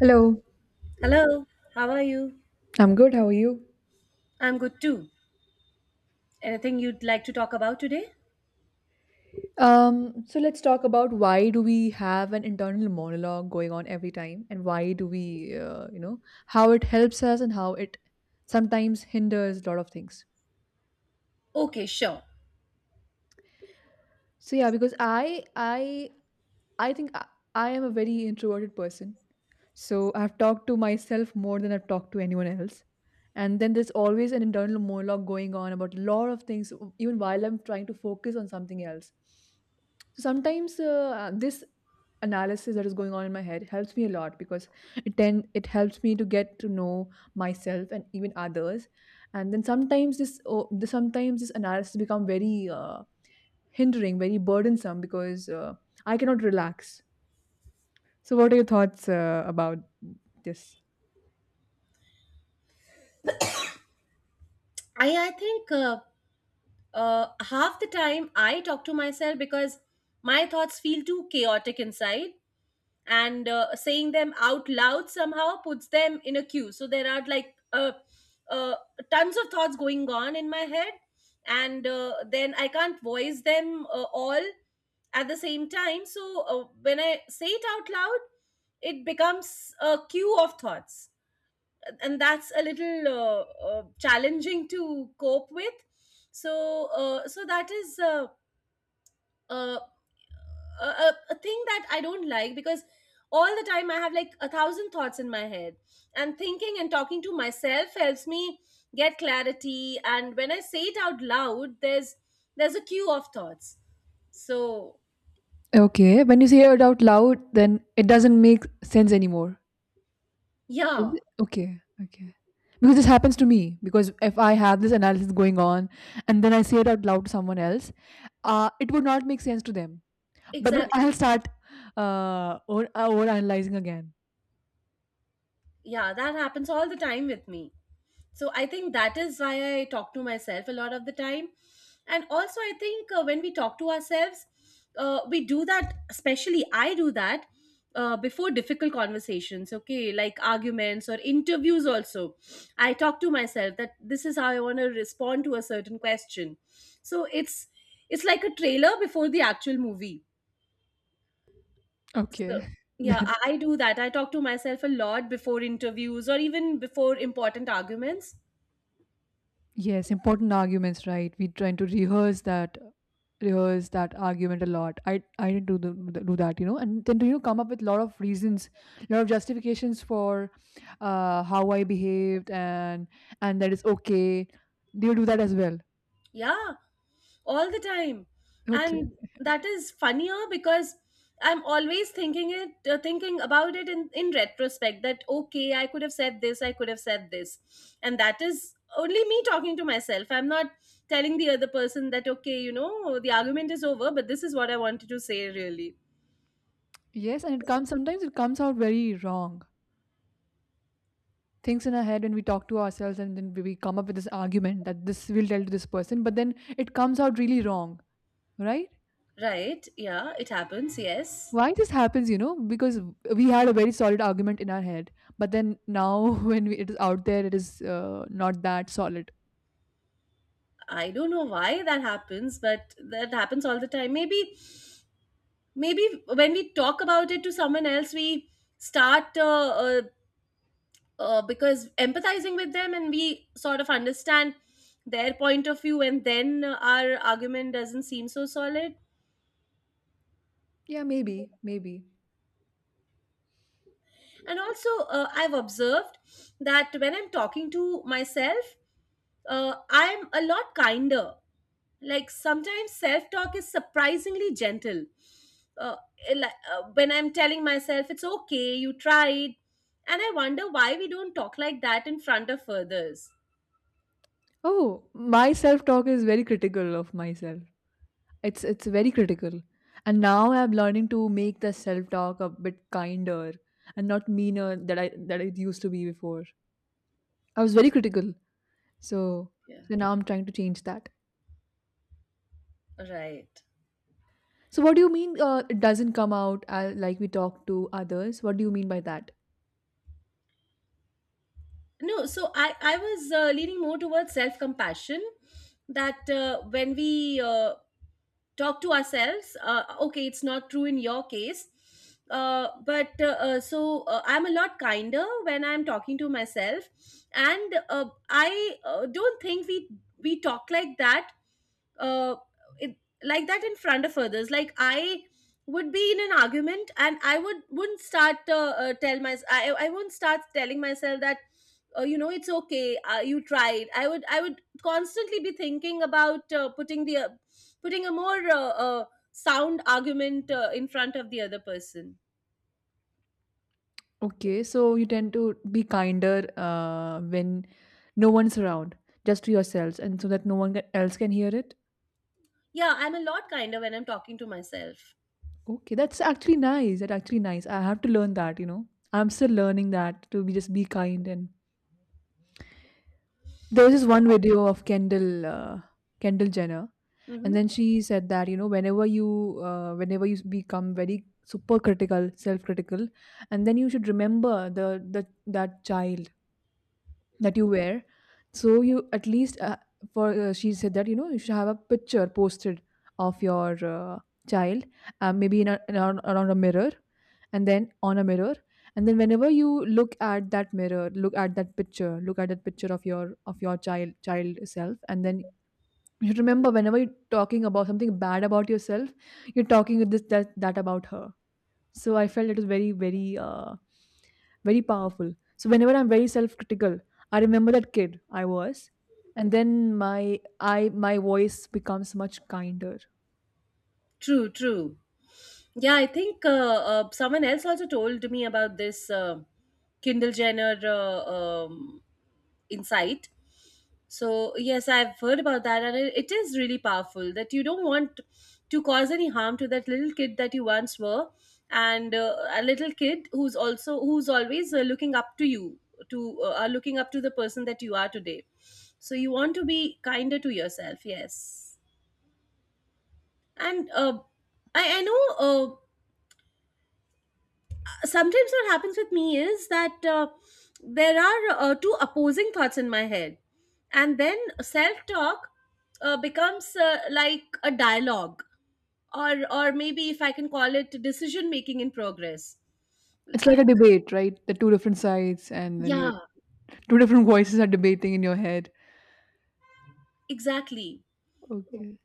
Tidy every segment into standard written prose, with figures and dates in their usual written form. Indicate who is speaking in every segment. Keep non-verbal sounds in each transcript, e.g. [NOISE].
Speaker 1: Hello,
Speaker 2: Hello, how are you?
Speaker 1: I'm good. How are you?
Speaker 2: I'm good too. Anything you'd like to talk about today?
Speaker 1: So let's talk about why do we have an internal monologue going on every time, and why do we, how it helps us and how it sometimes hinders a lot of things.
Speaker 2: Okay, sure.
Speaker 1: So yeah, because I think I, I am a very introverted person, so I've talked to myself more than I've talked to anyone else. And then there's always an internal monologue going on about a lot of things, even while I'm trying to focus on something else. So sometimes this analysis that is going on in my head helps me a lot because it helps me to get to know myself and even others. And then sometimes this analysis become very hindering, very burdensome because I cannot relax. So what are your thoughts about this?
Speaker 2: I think half the time I talk to myself because my thoughts feel too chaotic inside, and saying them out loud somehow puts them in a queue, so there are like uh, tons of thoughts going on in my head, and then I can't voice them all at the same time. So when I say it out loud, it becomes a queue of thoughts, and that's a little challenging to cope with. So so that is uh, a thing that I don't like, because all the time I have like a thousand thoughts in my head, and thinking and talking to myself helps me get clarity. And when I say it out loud, there's a queue of thoughts. So
Speaker 1: Okay, when you say it out loud, then it doesn't make sense anymore. Is
Speaker 2: yeah,
Speaker 1: it? Okay, okay. Because this happens to me. Because if I have this analysis going on and then I say it out loud to someone else, it would not make sense to them. But then I'll
Speaker 2: exactly.
Speaker 1: start over analyzing again.
Speaker 2: Yeah, that happens all the time with me. So I think that is why I talk to myself a lot of the time. And also I think when we talk to ourselves, we do that, especially I do that before difficult conversations, okay, like arguments or interviews. Also I talk to myself that this is how I want to respond to a certain question. So it's like a trailer before the actual movie.
Speaker 1: Okay,
Speaker 2: So
Speaker 1: [LAUGHS]
Speaker 2: yeah,
Speaker 1: that
Speaker 2: I do that. I talk to myself a lot before interviews or even before important arguments.
Speaker 1: yes, important arguments, right? We trying to rehearse that argument a lot. I didn't do that, you know, and then to you know come up with a lot of reasons, a lot of justifications for how I behaved and that is okay. Do you do that as well?
Speaker 2: Yeah, all the time.
Speaker 1: Okay.
Speaker 2: And that is funnier, because I'm always thinking it, thinking about it in retrospect, that okay, I could have said this, I could have said this. And that is only me talking to myself. I'm not telling the other person that, okay, you know the argument is over, but this is what I wanted to say really.
Speaker 1: Yes, and it comes sometimes it comes out very wrong. Things in our head when we talk to ourselves and then we come up with this argument that this will tell to this person, but then it comes out really wrong, right?
Speaker 2: Right, yeah, it happens, yes.
Speaker 1: Why this happens you know because we had a very solid argument in our head but then now [LAUGHS] when we, it is out there it is not that solid.
Speaker 2: I don't know why that happens, but that happens all the time. Maybe maybe when we talk about it to someone else, we start because empathizing with them, and we sort of understand their point of view, and then our argument doesn't seem so solid.
Speaker 1: Yeah, maybe maybe.
Speaker 2: And also I've observed that when I'm talking to myself, I'm a lot kinder. Like sometimes self talk is surprisingly gentle. uh, li- when I'm telling myself it's okay, you tried, and I wonder why we don't talk like that in front of others.
Speaker 1: Oh, my self talk is very critical of myself. It's very critical. And now I'm learning to make the self talk a bit kinder and not meaner that I that it used to be before. I was very critical. So
Speaker 2: Yeah.
Speaker 1: so now I'm trying to change that.
Speaker 2: Right.
Speaker 1: So what do you mean it doesn't come out like we talk to others? What do you mean by that?
Speaker 2: No, so I was leaning more towards self compassion, that when we talk to ourselves, okay, it's not true in your case. But So I'm a lot kinder when I'm talking to myself. And I don't think we talk like that, uh, it, like that in front of others. Like I would be in an argument, and I would wouldn't start tell my I wouldn't start telling myself that, you know, it's okay, you tried. I would constantly be thinking about putting the putting a more sound argument in front of the other person.
Speaker 1: Okay, so you tend to be kinder when no one's around, just to yourselves, and so that no one else can hear it.
Speaker 2: Yeah, I'm a lot kinder when I'm talking to myself.
Speaker 1: Okay, that's actually nice. That's actually nice. I have to learn that, you know. I'm still learning that to be just be kind. And there was this one video of Kendall Jenner, and
Speaker 2: Hmm.
Speaker 1: then she said that you know whenever you become very super critical, self critical, and then you should remember the that child that you wear, so you at least for she said that you know you should have a picture posted of your child, maybe around a mirror, and then on a mirror, and then whenever you look at that picture of your child self, and then you should remember whenever you're talking about something bad about yourself, you're talking that about her. So I felt it was very powerful. So whenever I'm very self-critical, I remember that kid I was, and then my voice becomes much kinder.
Speaker 2: True, true. Yeah, I think someone else also told me about this Kindle Jenner insight. So yes, I've heard about that, and it is really powerful that you don't want to cause any harm to that little kid that you once were, and a little kid who's also who's always looking up to you, to are looking up to the person that you are today. So you want to be kinder to yourself, yes. And I know sometimes what happens with me is that there are two opposing thoughts in my head, and then self-talk becomes like a dialogue, or maybe if I can call it decision making in progress.
Speaker 1: It's like a debate, right? The two different sides, and then your
Speaker 2: Yeah,
Speaker 1: two different voices are debating in your head.
Speaker 2: exactly.
Speaker 1: Okay.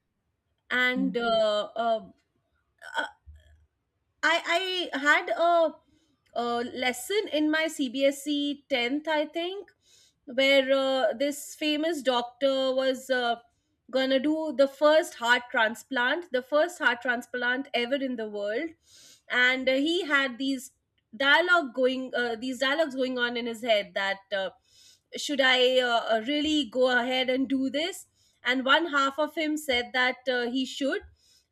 Speaker 2: And I had a lesson in my CBSE 10th, I think, where this famous doctor was gonna do the first heart transplant, the first heart transplant ever in the world. And he had these dialogue going, these dialogues going on in his head, that should I really go ahead and do this? And one half of him said that he should,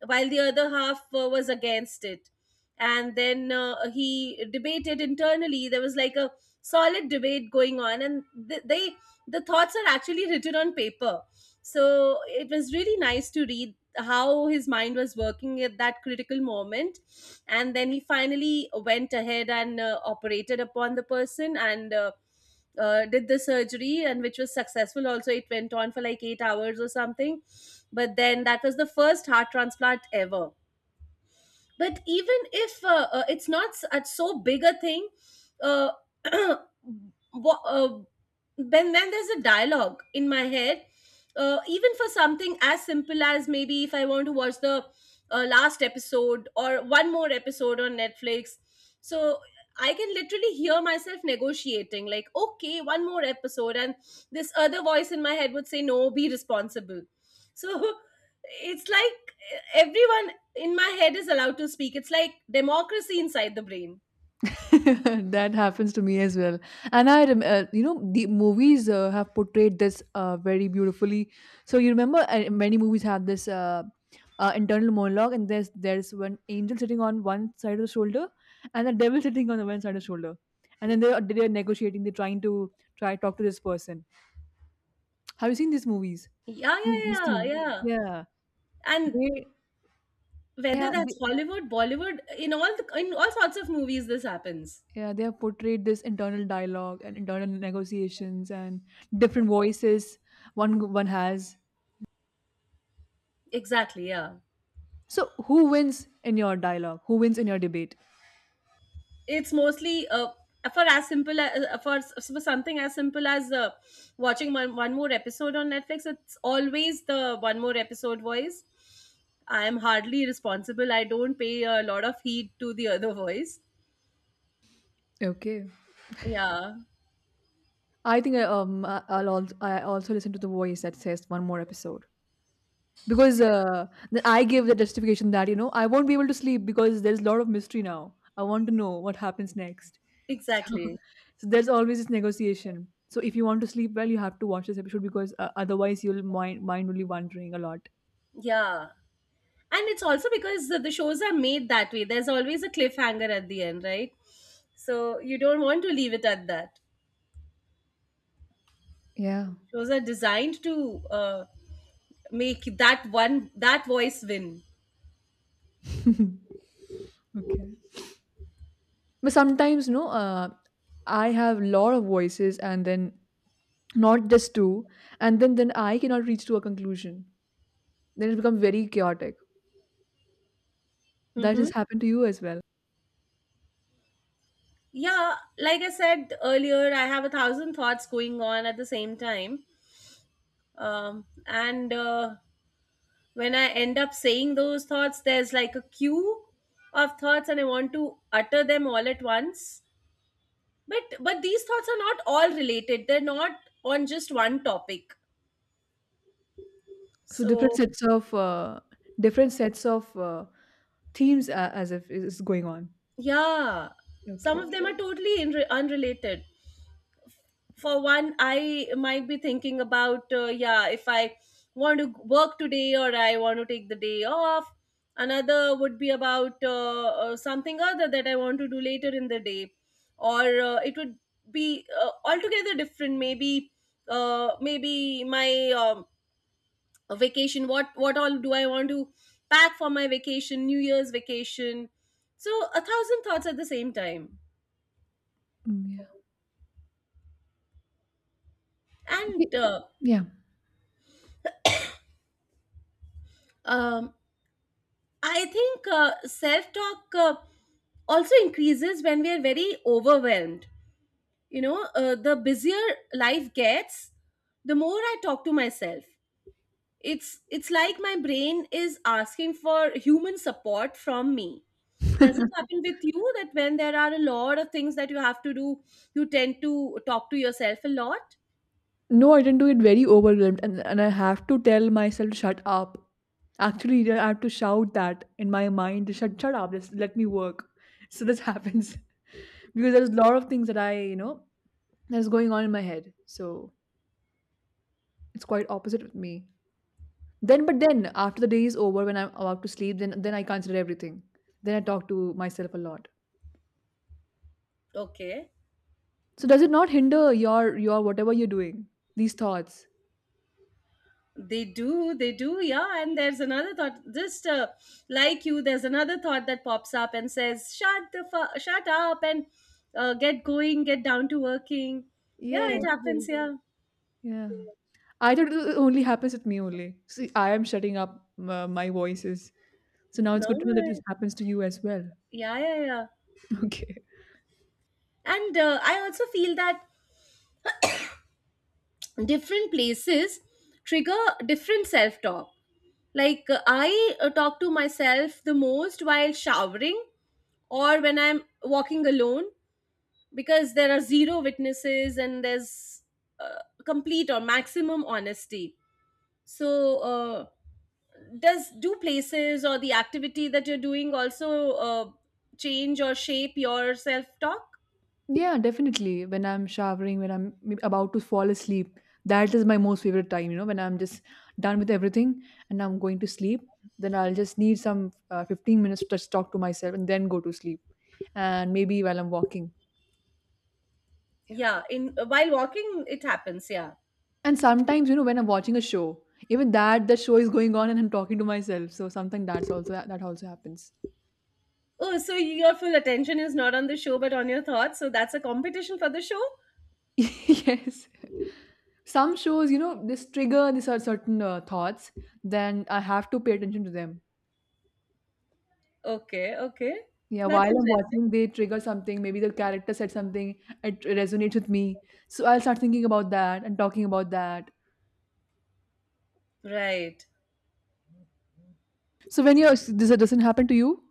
Speaker 2: while the other half was against it. And then he debated internally. There was like a solid debate going on. And they the thoughts are actually written on paper, so it was really nice to read how his mind was working at that critical moment. And then he finally went ahead and operated upon the person, and did the surgery, and which was successful also. It went on for like 8 hours or something, but then that was the first heart transplant ever. But even if it's not at so big a thing, uh, [CLEARS THROAT] wha- uh, when there's a dialogue in my head, even for something as simple as maybe if I want to watch the last episode or one more episode on Netflix. So I can literally hear myself negotiating, like, okay, one more episode, and this other voice in my head would say, no, be responsible. So [LAUGHS] it's like everyone in my head is allowed to speak. It's like democracy inside the brain.
Speaker 1: [LAUGHS] That happens to me as well. And you know the movies have portrayed this very beautifully. So you remember many movies have this internal monologue, and there's one angel sitting on one side of the shoulder and the devil sitting on the one side of the shoulder, and then they're negotiating, they're trying to try talk to this person. Have you seen these movies?
Speaker 2: Yeah,
Speaker 1: This
Speaker 2: yeah, yeah,
Speaker 1: scene.
Speaker 2: yeah.
Speaker 1: Yeah,
Speaker 2: And
Speaker 1: they yeah
Speaker 2: whether that's Hollywood, Bollywood, in all the, in all sorts of movies, this happens.
Speaker 1: yeah they have portrayed this internal dialogue and internal negotiations and different voices, one one has.
Speaker 2: Exactly. Yeah,
Speaker 1: So who wins in your dialogue? Who wins in your debate?
Speaker 2: it's mostly for as simple as for something as simple as watching one more episode on Netflix. It's always the one more episode voice. I am hardly responsible. I don't pay a lot of heed to the other voice.
Speaker 1: Okay,
Speaker 2: Yeah,
Speaker 1: I think I'll I also listen to the voice that says one more episode, because then I gave the justification that you know I won't be able to sleep because there's a lot of mystery now. I want to know what happens next. So,
Speaker 2: exactly.
Speaker 1: [LAUGHS] so there's always this negotiation. So if you want to sleep well, you have to watch this episode because otherwise you'll mind will be wandering a lot.
Speaker 2: Yeah. And it's also because the shows are made that way. There's always a cliffhanger at the end, right? So you don't want to leave it at that.
Speaker 1: Yeah.
Speaker 2: Shows are designed to uh, make that one that voice win.
Speaker 1: [LAUGHS] Okay. But sometimes no, I have lot of voices and then not just two, and then I cannot reach to a conclusion. Then it becomes very chaotic. That
Speaker 2: Hmm.
Speaker 1: has happened to you as well.
Speaker 2: Yeah, like I said earlier, I have a thousand thoughts going on at the same time. And When I end up saying those thoughts, there's like a queue of thoughts, and I want to utter them all at once. But these thoughts are not all related. They're not on just one topic.
Speaker 1: So
Speaker 2: So
Speaker 1: different sets of themes as if is is going on.
Speaker 2: yeah, some
Speaker 1: Okay.
Speaker 2: of them are totally unrelated. For one, I might be thinking about, yeah, if I want to work today or I want to take the day off. Another would be about something other that I want to do later in the day. Or it would be altogether different. Maybe maybe my um, a vacation, what all do I want to pack for my vacation, new year's vacation. So a thousand thoughts at the same time.
Speaker 1: Mm, yeah. Okay,
Speaker 2: And
Speaker 1: yeah.
Speaker 2: um, I think self talk also increases when we are very overwhelmed, you know. The busier life gets, the more I talk to myself. It's like my brain is asking for human support from me. Does it happen with you that when there are a lot of things that you have to do, you tend to talk to yourself a lot?
Speaker 1: No, I didn't do it very overwhelmed, and I have to tell myself to shut up. Actually, I have to shout that in my mind. Shut, shut up. Just let me work. So this happens [LAUGHS] because there's a lot of things that I, you know, that's going on in my head. So it's quite opposite with me. Then, but then after the day is over, when I'm about to sleep, then I consider everything. Then I talk to myself a lot.
Speaker 2: Okay.
Speaker 1: So does it not hinder your whatever you're doing? These thoughts.
Speaker 2: They do, yeah. And there's another thought, just like you, there's another thought that pops up and says, "Shut the shut up and get going, get down to working." Yeah,
Speaker 1: Yeah.
Speaker 2: it happens.
Speaker 1: True.
Speaker 2: Yeah,
Speaker 1: Yeah. I thought it only happens with me only. See, I am shutting up my voices. So now it's
Speaker 2: no,
Speaker 1: good to
Speaker 2: no,
Speaker 1: know that this happens to you as well.
Speaker 2: yeah, yeah, yeah.
Speaker 1: [LAUGHS] Okay.
Speaker 2: And I also feel that different places trigger different self talk. Like I talk to myself the most while showering, or when I'm walking alone, because there are zero witnesses and there's uh, complete or maximum honesty. So uh, does do places or the activity that you're doing also change or shape your self talk?
Speaker 1: Yeah, definitely. When I'm showering, when I'm maybe about to fall asleep, that is my most favorite time. You know, when I'm just done with everything and I'm going to sleep, then I'll just need some 15 minutes to just talk to myself and then go to sleep. And maybe while I'm walking.
Speaker 2: Yeah, in while walking it happens, yeah.
Speaker 1: And sometimes, you know, when I'm watching a show, even that the show is going on and I'm talking to myself. So something that's also that also happens.
Speaker 2: Oh, so your full attention is not on the show, but on your thoughts. So that's a competition for the show.
Speaker 1: [LAUGHS] Yes. Some shows, you know, this trigger these are certain thoughts, then I have to pay attention to them.
Speaker 2: Okay, okay,
Speaker 1: Yeah,
Speaker 2: that's
Speaker 1: while I'm
Speaker 2: interesting.
Speaker 1: watching, they trigger something. Maybe the character said something, it resonates with me. So I'll start thinking about that and talking about that.
Speaker 2: Right.
Speaker 1: So when you're this doesn't happen to you?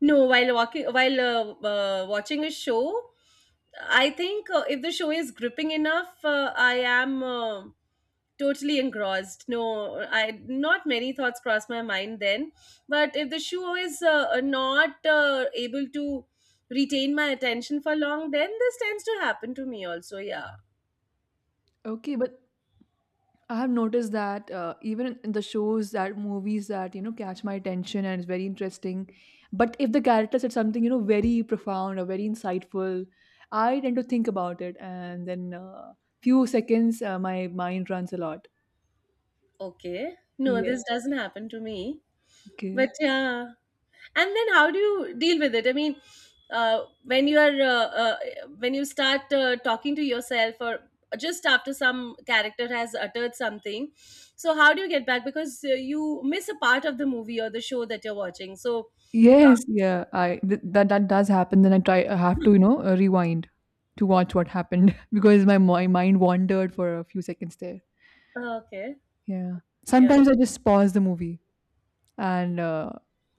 Speaker 2: No, while walking, while watching a show, I think if the show is gripping enough, I am totally engrossed. No, I not many thoughts cross my mind then. But if the show is not able to retain my attention for long, then this tends to happen to me also. Yeah.
Speaker 1: Okay, but I have noticed that even in the shows that movies that you know catch my attention and it's very interesting, but if the character said something you know very profound or very insightful, I tend to think about it and then few seconds my mind runs a lot.
Speaker 2: Okay. No,
Speaker 1: Yeah.
Speaker 2: this doesn't happen to me. But
Speaker 1: Okay.
Speaker 2: yeah. And then how do you deal with it? I mean, when you are when you start talking to yourself or just after some character has uttered something, so how do you get back? Because you miss a part of the movie or the show that you're watching. So
Speaker 1: Yes. Yeah. That that does happen. Then I try. I have to you know rewind to watch what happened [LAUGHS] because my mind wandered for a few seconds there.
Speaker 2: okay,
Speaker 1: Yeah.
Speaker 2: yeah,
Speaker 1: Sometimes I just pause the movie. And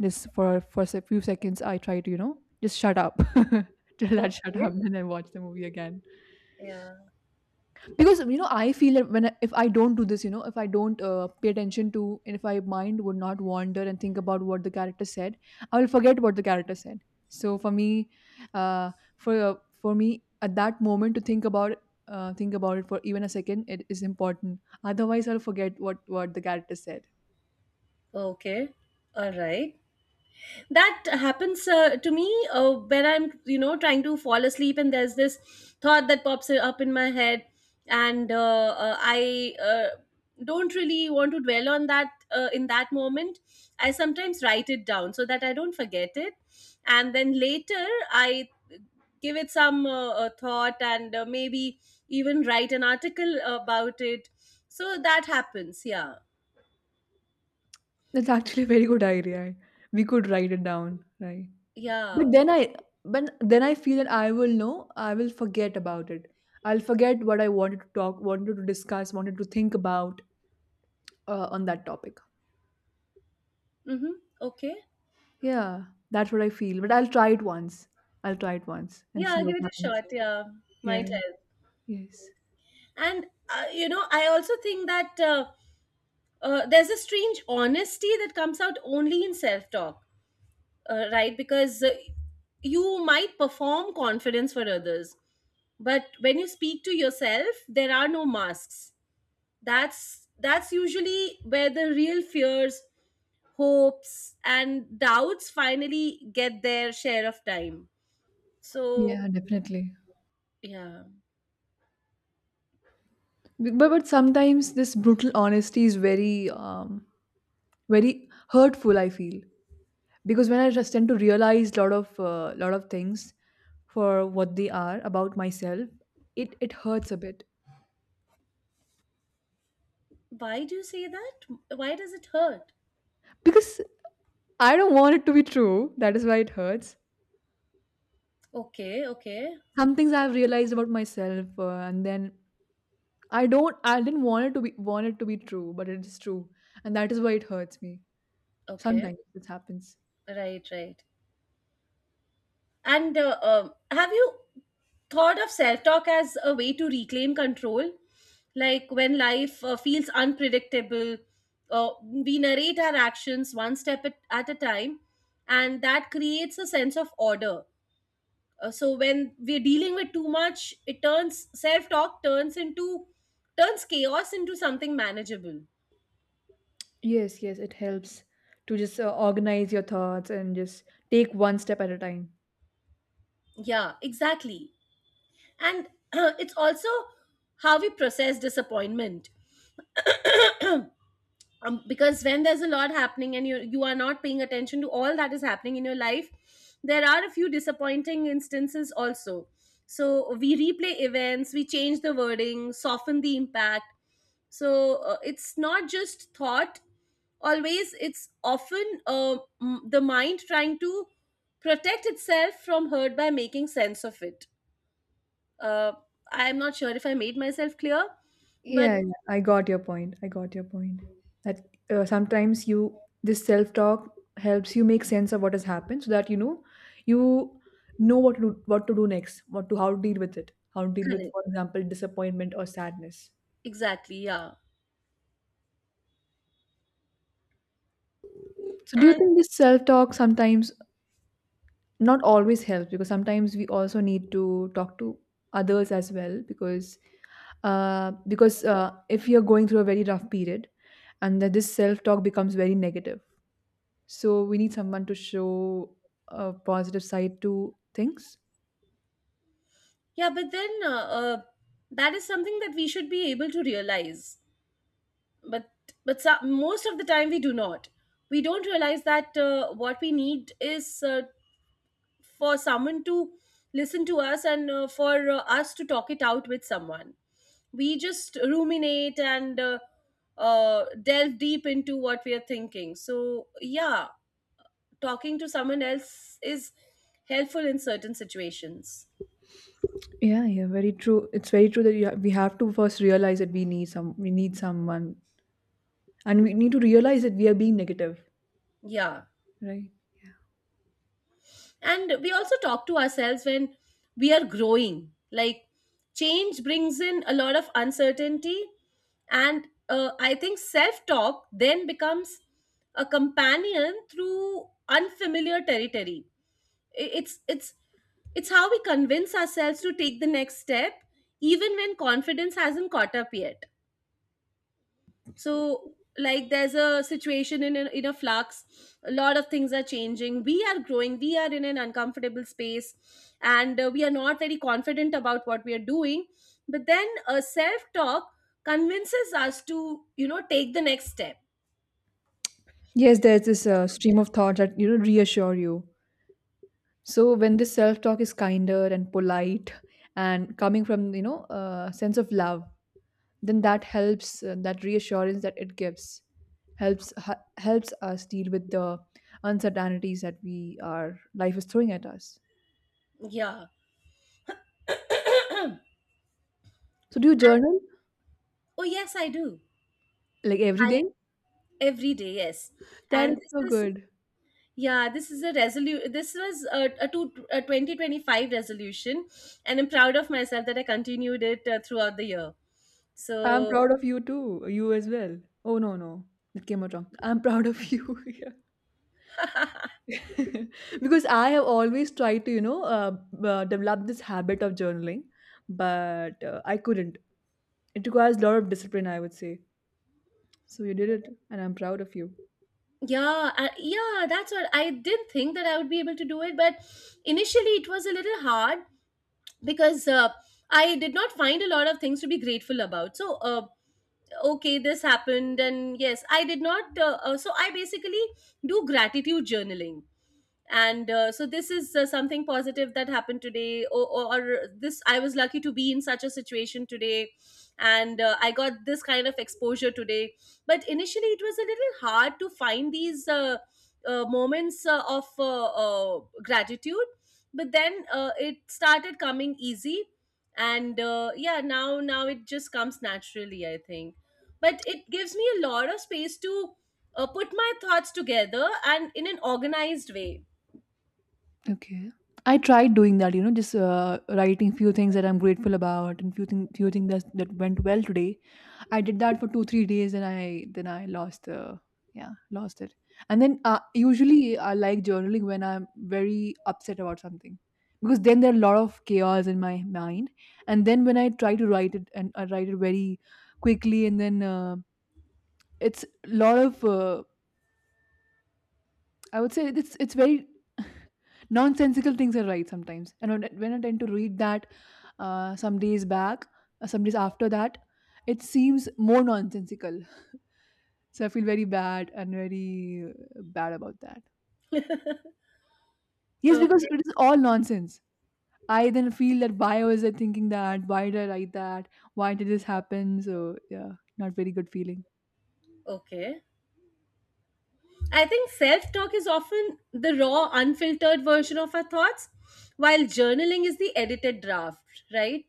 Speaker 1: just for a few seconds I try to you know just shut up [LAUGHS] till that shut up
Speaker 2: okay,
Speaker 1: then I watch the movie again
Speaker 2: yeah,
Speaker 1: because you know I feel that when I, if I don't do this, you know, if I don't pay attention to and if my mind would not wander and think about what the character said, I will forget what the character said. So for me uh, for uh, for me at that moment to think about it for even a second, it is important, otherwise I'll forget what the character said.
Speaker 2: okay, all right. That happens to me when I'm, you know, trying to fall asleep and there's this thought that pops up in my head. And I don't really want to dwell on that in that moment. I sometimes write it down so that I don't forget it, and then later I give it some thought, and maybe even write an article about it. So that happens, yeah,
Speaker 1: That's actually a very good idea, right? We could write it down, right? But
Speaker 2: yeah.
Speaker 1: then I but then I feel that I will know, I will forget about it. I'll forget what I wanted to talk, wanted to discuss, wanted to think about on that topic.
Speaker 2: Mm-hmm. Okay.
Speaker 1: Yeah, that's what I feel. But I'll try it once. I'll try it once and
Speaker 2: Yeah,
Speaker 1: see what
Speaker 2: give it a
Speaker 1: happens.
Speaker 2: shot. Yeah,
Speaker 1: Yeah.
Speaker 2: might help.
Speaker 1: Yes.
Speaker 2: And you know, I also think that there's a strange honesty that comes out only in self-talk, right? Because you might perform confidence for others, but when you speak to yourself, there are no masks. That's usually where the real fears, hopes, and doubts finally get their share of time. So,
Speaker 1: Yeah, definitely.
Speaker 2: yeah.
Speaker 1: But sometimes this brutal honesty is very very hurtful, I feel. Because when I just tend to realize a lot of things for what they are about myself, it hurts a bit
Speaker 2: Why do you say that? Why does it hurt?
Speaker 1: because I don't want it to be true. That is why it hurts.
Speaker 2: Okay, okay,
Speaker 1: Some things I've realized about myself, and then I don't. I didn't want it to be true, but it is true, and that is why it hurts me.
Speaker 2: okay.
Speaker 1: Sometimes this happens.
Speaker 2: Right, right. And have you thought of self talk as a way to reclaim control? Like when life feels unpredictable, we narrate our actions one step at a time, and that creates a sense of order. So when we're dealing with too much, it turns self talk turns into turns chaos into something manageable.
Speaker 1: Yes, yes, it helps to just organize your thoughts and just take one step at a time.
Speaker 2: Yeah, exactly. And [CLEARS THROAT] it's also how we process disappointment, because when there's a lot happening and you are not paying attention to all that is happening in your life, there are a few disappointing instances also. So we replay events, we change the wording, soften the impact. So it's not just thought always it's often the mind trying to protect itself from hurt by making sense of it. uh, I'm not sure if I made myself clear, but
Speaker 1: Yeah, yeah, I got your point. I got your point. That sometimes you this self-talk helps you make sense of what has happened, so that you know what to do next, what to how to deal with it, how to deal with,
Speaker 2: correct,
Speaker 1: for example, disappointment or sadness.
Speaker 2: exactly, yeah,
Speaker 1: So, do you
Speaker 2: and
Speaker 1: think this self-talk sometimes not always helps because sometimes we also need to talk to others as well because if you're going through a very rough period and that this self-talk becomes very negative. So we need someone to show a positive side to things.
Speaker 2: yeah. But then that is something that we should be able to realize, but but so, most of the time we do not. We don't realize that what we need is for someone to listen to us, and for us to talk it out with someone. We just ruminate, and delve deep into what we are thinking. So yeah, talking to someone else is helpful in certain situations.
Speaker 1: Yeah, yeah, very true. It's very true that we have to first realize that we need someone, and we need to realize that we are being negative,
Speaker 2: Yeah.
Speaker 1: right?
Speaker 2: And we also talk to ourselves when we are growing. Like, change brings in a lot of uncertainty. And I think self talk then becomes a companion through unfamiliar territory. I- It's, it's, it's how we convince ourselves to take the next step, even when confidence hasn't caught up yet. So like, there's a situation in a flux, a lot of things are changing, we are growing, we are in an uncomfortable space, and we are not very confident about what we are doing. But then a self talk convinces us to, you know, take the next step.
Speaker 1: Yes, there's this stream of thought that you know reassure you. So when this self-talk is kinder and polite and coming from you know a sense of love, then that helps that reassurance that it gives helps helps us deal with the uncertainties that we our life is throwing at us.
Speaker 2: Yeah,
Speaker 1: So do you
Speaker 2: and
Speaker 1: journal
Speaker 2: oh yes, I do.
Speaker 1: like every
Speaker 2: I
Speaker 1: day?
Speaker 2: every day, yes.
Speaker 1: That is
Speaker 2: And this
Speaker 1: so
Speaker 2: is,
Speaker 1: good.
Speaker 2: yeah, this is a resolu. This was a 2025 resolution, and I'm proud of myself that I continued it throughout the year. So
Speaker 1: I'm proud of you too, you as well. Oh, no, no, that came out wrong, I'm proud of you. [LAUGHS] Yeah. [LAUGHS] Because I have always tried to develop this habit of journaling, but I couldn't. It requires a lot of discipline, I would say. So you did it and I'm proud of you.
Speaker 2: yeah, I, yeah, that's what, I didn't think that I would be able to do it, but initially it was a little hard, because I did not find a lot of things to be grateful about. So okay, this happened, and yes, I did not. So I basically do gratitude journaling. And so this is something positive that happened today, or this, I was lucky to be in such a situation today, and I got this kind of exposure today. But initially it was a little hard to find these moments of gratitude, but then it started coming easy. And yeah, now it just comes naturally, I think. But it gives me a lot of space to put my thoughts together and in an organized way.
Speaker 1: Okay. I tried doing that, you know, just writing few things that I'm grateful about and few things that that went well today. I did that for 2-3 days and I then I lost the, yeah, lost it. And then usually I like journaling when I'm very upset about something, because then there are a lot of chaos in my mind. And then when I try to write it and I write it very quickly and then it's a lot of I would say it's very [LAUGHS] nonsensical things are right sometimes. And when I tend to read that some days back, some days after that, it seems more nonsensical. [LAUGHS] So I feel very bad and very bad about that. Yes, because
Speaker 2: Okay,
Speaker 1: it is all nonsense. I then feel that why was I thinking that? Why did I write that? Why did this happen? So yeah, not very good feeling.
Speaker 2: okay. I think self talk is often the raw, unfiltered version of our thoughts, while journaling is the edited draft, right?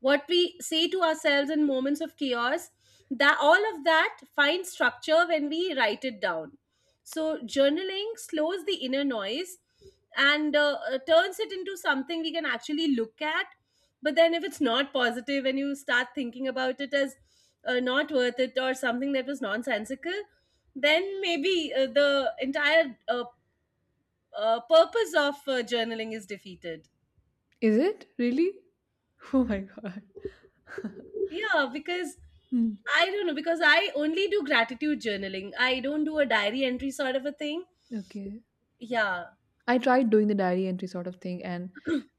Speaker 2: What we say to ourselves in moments of chaos, that all of that finds structure when we write it down. So journaling slows the inner noise, and turns it into something we can actually look at. But then if it's not positive and you start thinking about it as not worth it or something that was nonsensical, then maybe the entire purpose of journaling is defeated.
Speaker 1: Is it really? [LAUGHS] Oh my god. [LAUGHS]
Speaker 2: Yeah, because
Speaker 1: Hmm.
Speaker 2: I don't know, because I only do gratitude journaling. I don't do a diary entry sort of a thing.
Speaker 1: Okay.
Speaker 2: Yeah.
Speaker 1: I tried doing the diary entry sort of thing,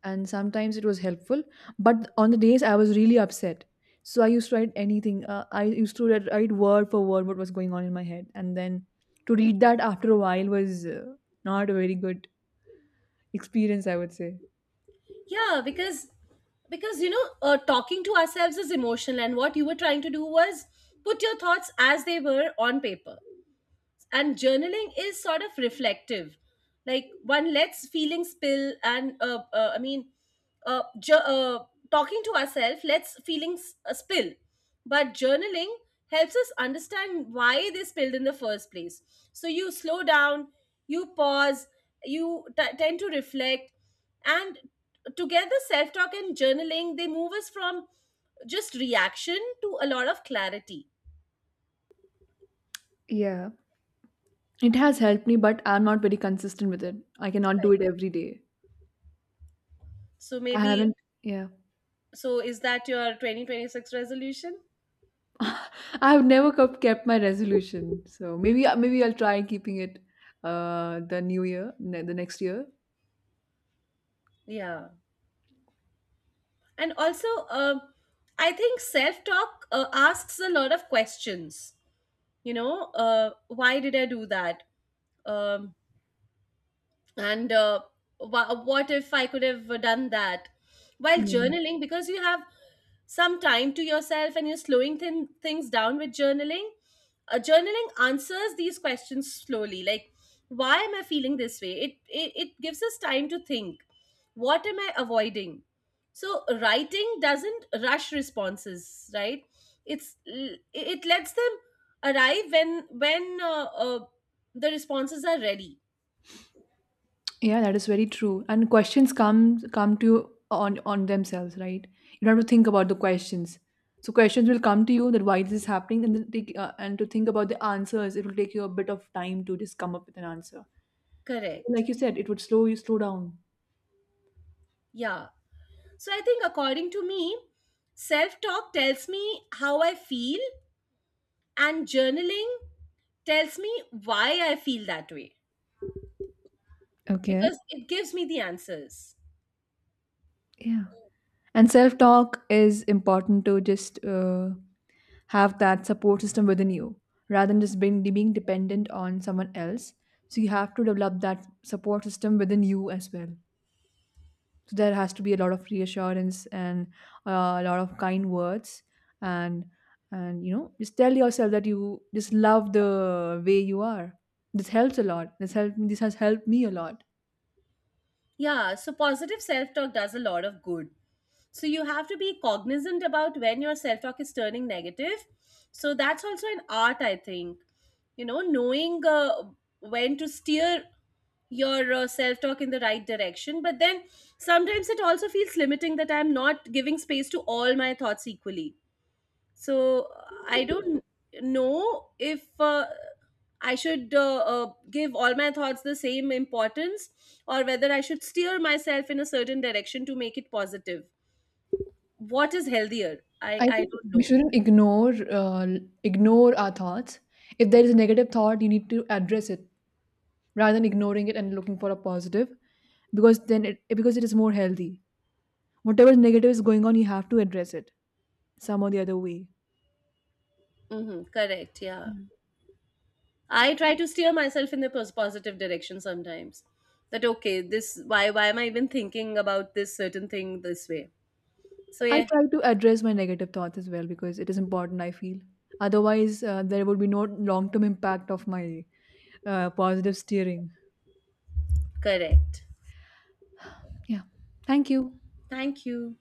Speaker 1: and sometimes it was helpful, but on the days I was really upset, so I used to write anything, I used to write word for word what was going on in my head, and then to read that after a while was not a very good experience, I would say.
Speaker 2: Yeah, because you know, talking to ourselves is emotional, and what you were trying to do was put your thoughts as they were on paper. And journaling is sort of reflective. Like, one lets feelings spill, and uh, ju- uh, talking to ourselves lets feelings spill, but journaling helps us understand why they spilled in the first place. So you slow down, you pause, you tend to reflect, and together self-talk and journaling, they move us from just reaction to a lot of clarity.
Speaker 1: Yeah, it has helped me, but I'm not very consistent with it. I cannot do
Speaker 2: Right.
Speaker 1: it every day.
Speaker 2: So
Speaker 1: I
Speaker 2: maybe,
Speaker 1: haven't, yeah.
Speaker 2: so is that your 2026 resolution?
Speaker 1: [LAUGHS] I have never kept my resolution, so maybe I'll try keeping it the new year the next year.
Speaker 2: Yeah. And also, um, I think self talk asks a lot of questions. You know, why did I do that? Um, and what if I could have done that? While
Speaker 1: Mm.
Speaker 2: journaling, because you have some time to yourself and you're slowing things down with journaling, journaling answers these questions slowly, like, why am I feeling this way? It it gives us time to think, what am I avoiding? So writing doesn't rush responses, right? It lets them arrive when the responses are ready.
Speaker 1: Yeah, that is very true. And questions come come to you on themselves, right? You don't have to think about the questions. So questions will come to you that why this is happening, and then take and to think about the answers. It will take you a bit of time to just come up with an answer. So
Speaker 2: Correct.
Speaker 1: like you said, it would slow down.
Speaker 2: Yeah. So I think, according to me, self talk tells me how I feel, and journaling tells me why I feel that way,
Speaker 1: Okay.
Speaker 2: because it gives me the answers.
Speaker 1: Yeah. And self talk is important to just have that support system within you rather than just being dependent on someone else. So you have to develop that support system within you as well. So there has to be a lot of reassurance and a lot of kind words and and you know just tell yourself that you just love the way you are. This helps a lot. This has helped me a lot.
Speaker 2: Yeah. So positive self talk does a lot of good. So you have to be cognizant about when your self talk is turning negative. So that's also an art, I think. You know, knowing when to steer your self talk in the right direction. But then sometimes it also feels limiting, that I'm not giving space to all my thoughts equally. So I don't know if I should give all my thoughts the same importance, or whether I should steer myself in a certain direction to make it positive. What is healthier? i
Speaker 1: I
Speaker 2: i
Speaker 1: think
Speaker 2: don't
Speaker 1: we
Speaker 2: know.
Speaker 1: shouldn't ignore uh, ignore our thoughts. If there is a negative thought, you need to address it rather than ignoring it and looking for a positive, because then it because it is more healthy. Whatever negative is going on, you have to address it some or the other way.
Speaker 2: Hmm, correct, yeah. I try to steer myself in the positive direction sometimes. That, okay, this, why am I even thinking about this certain thing this way? So
Speaker 1: I
Speaker 2: yeah,
Speaker 1: try to address my negative thoughts as well because it is important, I feel. Otherwise, there would be no long term impact of my positive steering.
Speaker 2: correct.
Speaker 1: Yeah. Thank you.
Speaker 2: Thank you.